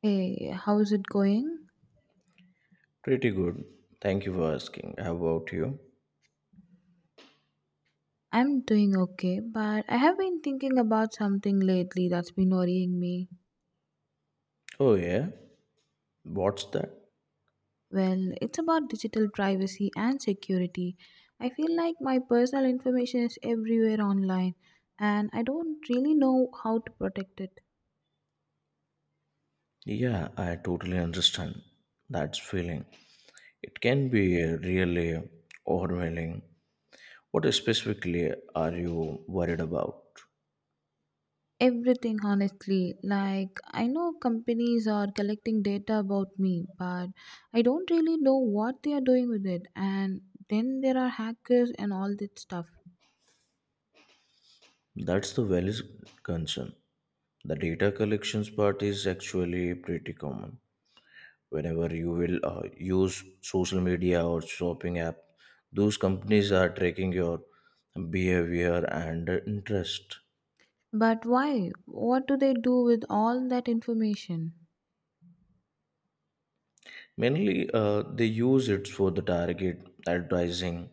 Hey, how's it going? Pretty good. Thank you for asking. How about you? I'm doing okay, but I have been thinking about something lately that's been worrying me. Oh, yeah. What's that? Well, it's about digital privacy and security. I feel like my personal information is everywhere online, and I don't really know how to protect it. Yeah, I totally understand that feeling. It can be really overwhelming. What specifically are you worried about? Everything, honestly. Like, I know companies are collecting data about me, but I don't really know what they are doing with it. And then there are hackers and all that stuff. That's the valid concern. The data collections part is actually pretty common. Whenever you will use social media or shopping app, those companies are tracking your behavior and interest. But why? What do they do with all that information? Mainly, they use it for the target advertising.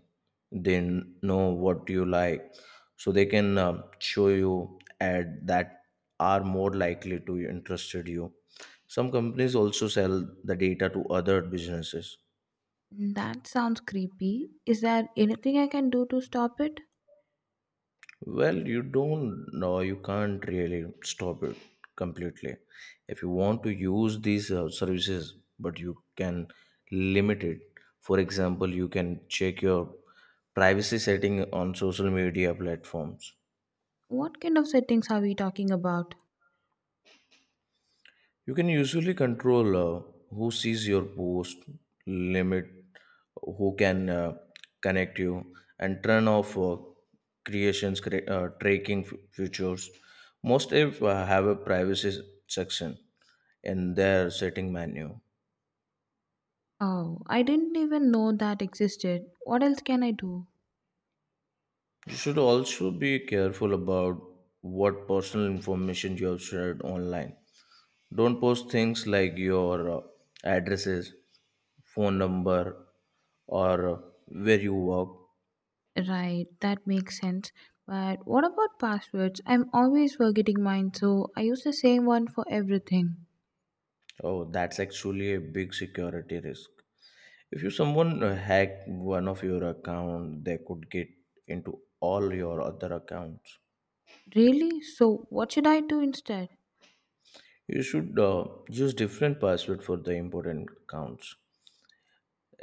They know what you like, so they can show you ad that are more likely to interested you. Some companies also sell the data to other businesses. That sounds creepy. Is there anything I can do to stop it? Well, you don't know, you can't really stop it completely. If you want to use these services, but you can limit it. For example, you can check your privacy setting on social media platforms. What kind of settings are we talking about? You can usually control who sees your post, limit who can connect you, and turn off tracking features. Most apps have a privacy section in their setting menu. Oh, I didn't even know that existed. What else can I do? You should also be careful about what personal information you have shared online. Don't post things like your addresses, phone number, or where you work. Right, that makes sense. But what about passwords? I'm always forgetting mine, so I use the same one for everything. Oh, that's actually a big security risk. If you someone hack one of your account, they could get into all your other accounts. Really? So, what should I do instead? You should use different password for the important accounts,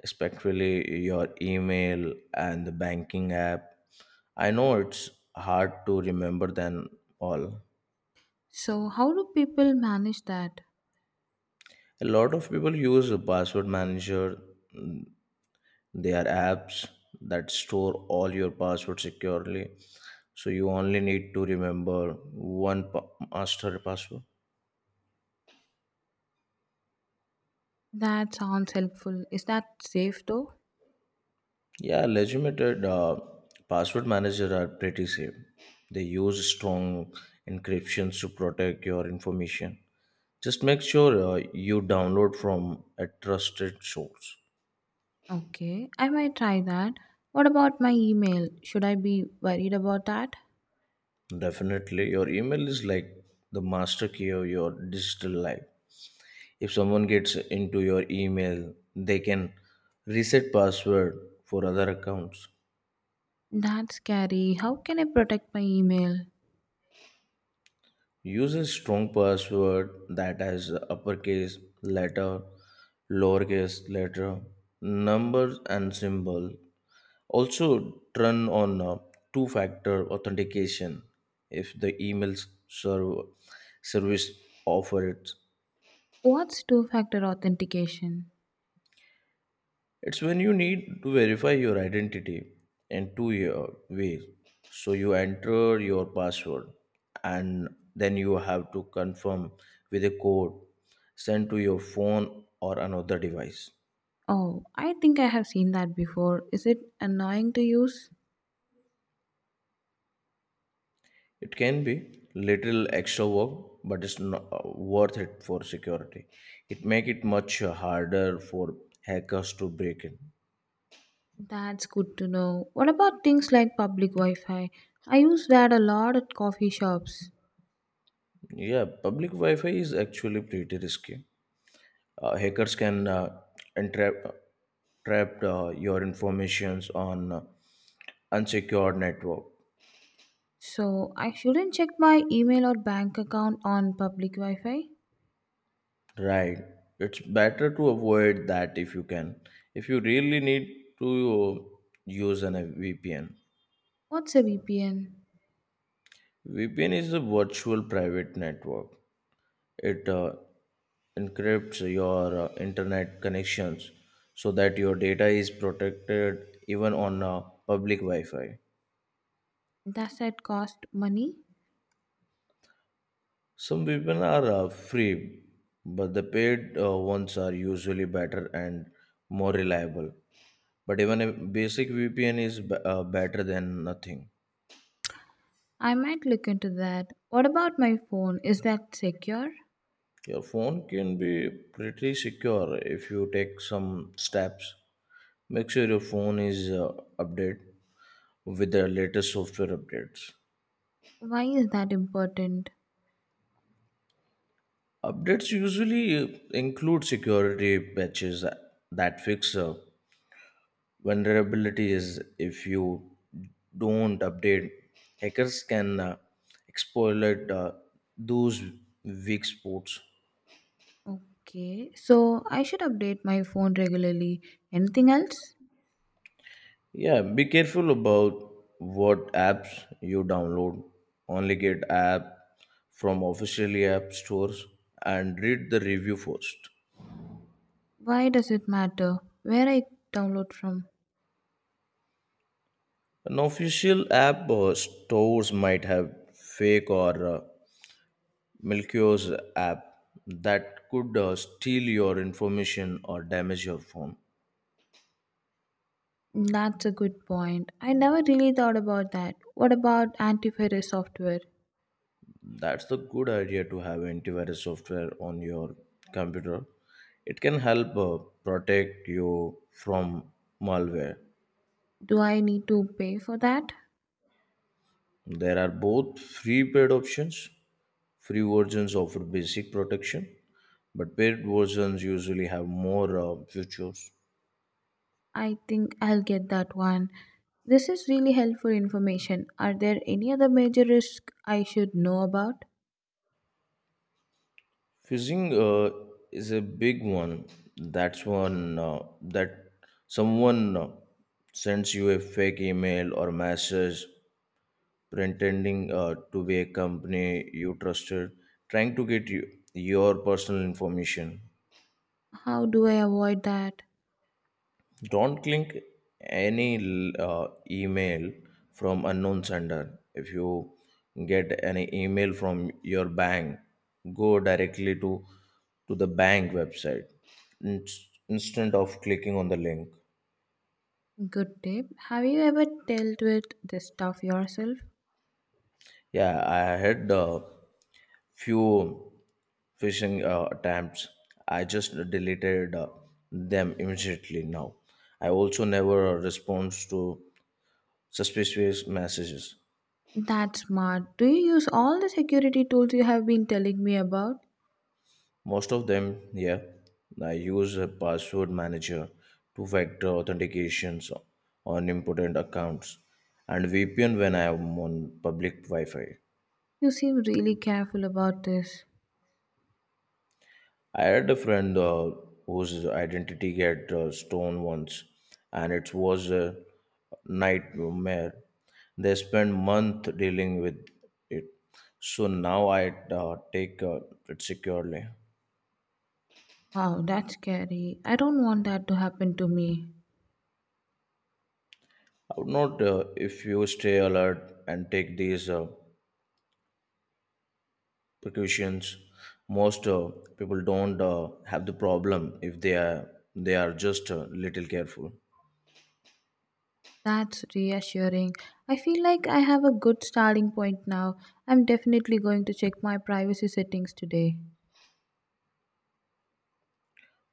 especially your email and the banking app. I know it's hard to remember them all. So, how do people manage that? A lot of people use a password manager. Mm, They are apps that store all your passwords securely. So you only need to remember one master password. That sounds helpful. Is that safe though? Yeah, legitimate password managers are pretty safe. They use strong encryptions to protect your information. Just make sure you download from a trusted source. Okay, I might try that. What about my email? Should I be worried about that? Definitely, your email is like the master key of your digital life. If someone gets into your email, they can reset password for other accounts. That's scary. How can I protect my email? Use a strong password that has uppercase letter, lowercase letter, numbers and symbol. Also, turn on two factor authentication if the emails server service offer it. What's two factor authentication? It's when you need to verify your identity in 2 year ways. So you enter your password and then you have to confirm with a code sent to your phone or another device. Oh, I think I have seen that before. Is it annoying to use? It can be little extra work, but it's not worth it for security. It make it much harder for hackers to break in. That's good to know. What about things like public Wi Fi? I use that a lot at coffee shops. Yeah, public Wi-Fi is actually pretty risky. Hackers can entrap trap your informations on unsecured network. So I shouldn't check my email or bank account on public Wi Fi? Right, it's better to avoid that if you can. If you really need to, use an VPN. What's a VPN? VPN is a virtual private network. It encrypts your internet connections, so that your data is protected even on public wi-fi. Does that cost money? Some people are free, but the paid ones are usually better and more reliable. But even a basic VPN is better than nothing. I might look into that. What about my phone? Is that secure? Your phone can be pretty secure if you take some steps. Make sure your phone is updated with the latest software updates. Why is that important? Updates usually include security patches that fix vulnerability is if you don't update, hackers can exploit those weak spots. Okay, so I should update my phone regularly. Anything else? Yeah, be careful about what apps you download. Only get app from officially app stores and read the review first. Why does it matter where I download from? An official app stores might have fake or malicious app that could steal your information or damage your phone. That's a good point. I never really thought about that. What about antivirus software? That's the good idea to have antivirus software on your computer. It can help protect you from malware. Do I need to pay for that? There are both free paid options. Free versions offer basic protection, but paid versions usually have more features. I think I'll get that one. This is really helpful information. Are there any other major risks I should know about? Phishing is a big one. That's one that someone sends you a fake email or message pretending to be a company you trusted, trying to get you, your personal information. How do I avoid that? Don't click any email from unknown sender. If you get any email from your bank, go directly to the bank website in- instead of clicking on the link. Good tip. Have you ever dealt with this stuff yourself? Yeah, I had a few phishing attempts. I just deleted them immediately now. I also never respond to suspicious messages. That's smart. Do you use all the security tools you have been telling me about? Most of them, yeah, I use a password manager, two factor authentications on important accounts, and VPN when I am on public Wi Fi. You seem really careful about this. I had a friend whose identity got stolen once, and it was a nightmare. They spent month dealing with it, so now I take it securely. Wow, that's scary. I don't want that to happen to me. I would not, if you stay alert and take these precautions, most people don't have the problem if they are just a little careful. That's reassuring. I feel like I have a good starting point now. I'm definitely going to check my privacy settings today.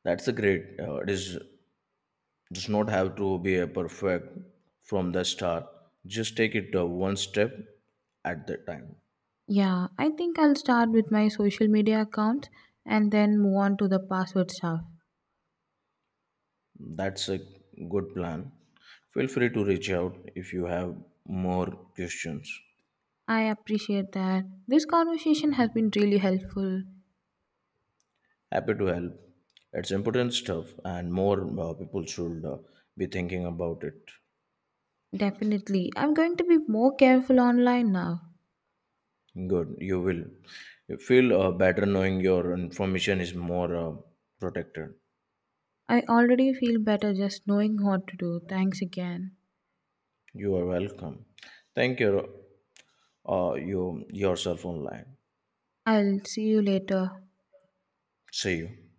That's a great. It is does not have to be a perfect from the start, just take it one step at the time. Yeah, I think I'll start with my social media accounts and then move on to the password stuff. That's a good plan. Feel free to reach out if you have more questions. I appreciate that. This conversation has been really helpful. Happy to help. It's important stuff and more people should be thinking about it. Definitely. I'm going to be more careful online now. Good, you will you feel better knowing your information is more protected. I already feel better just knowing what to do. Thanks again. You are welcome. Thank you, you yourself online. I'll see you later. See you.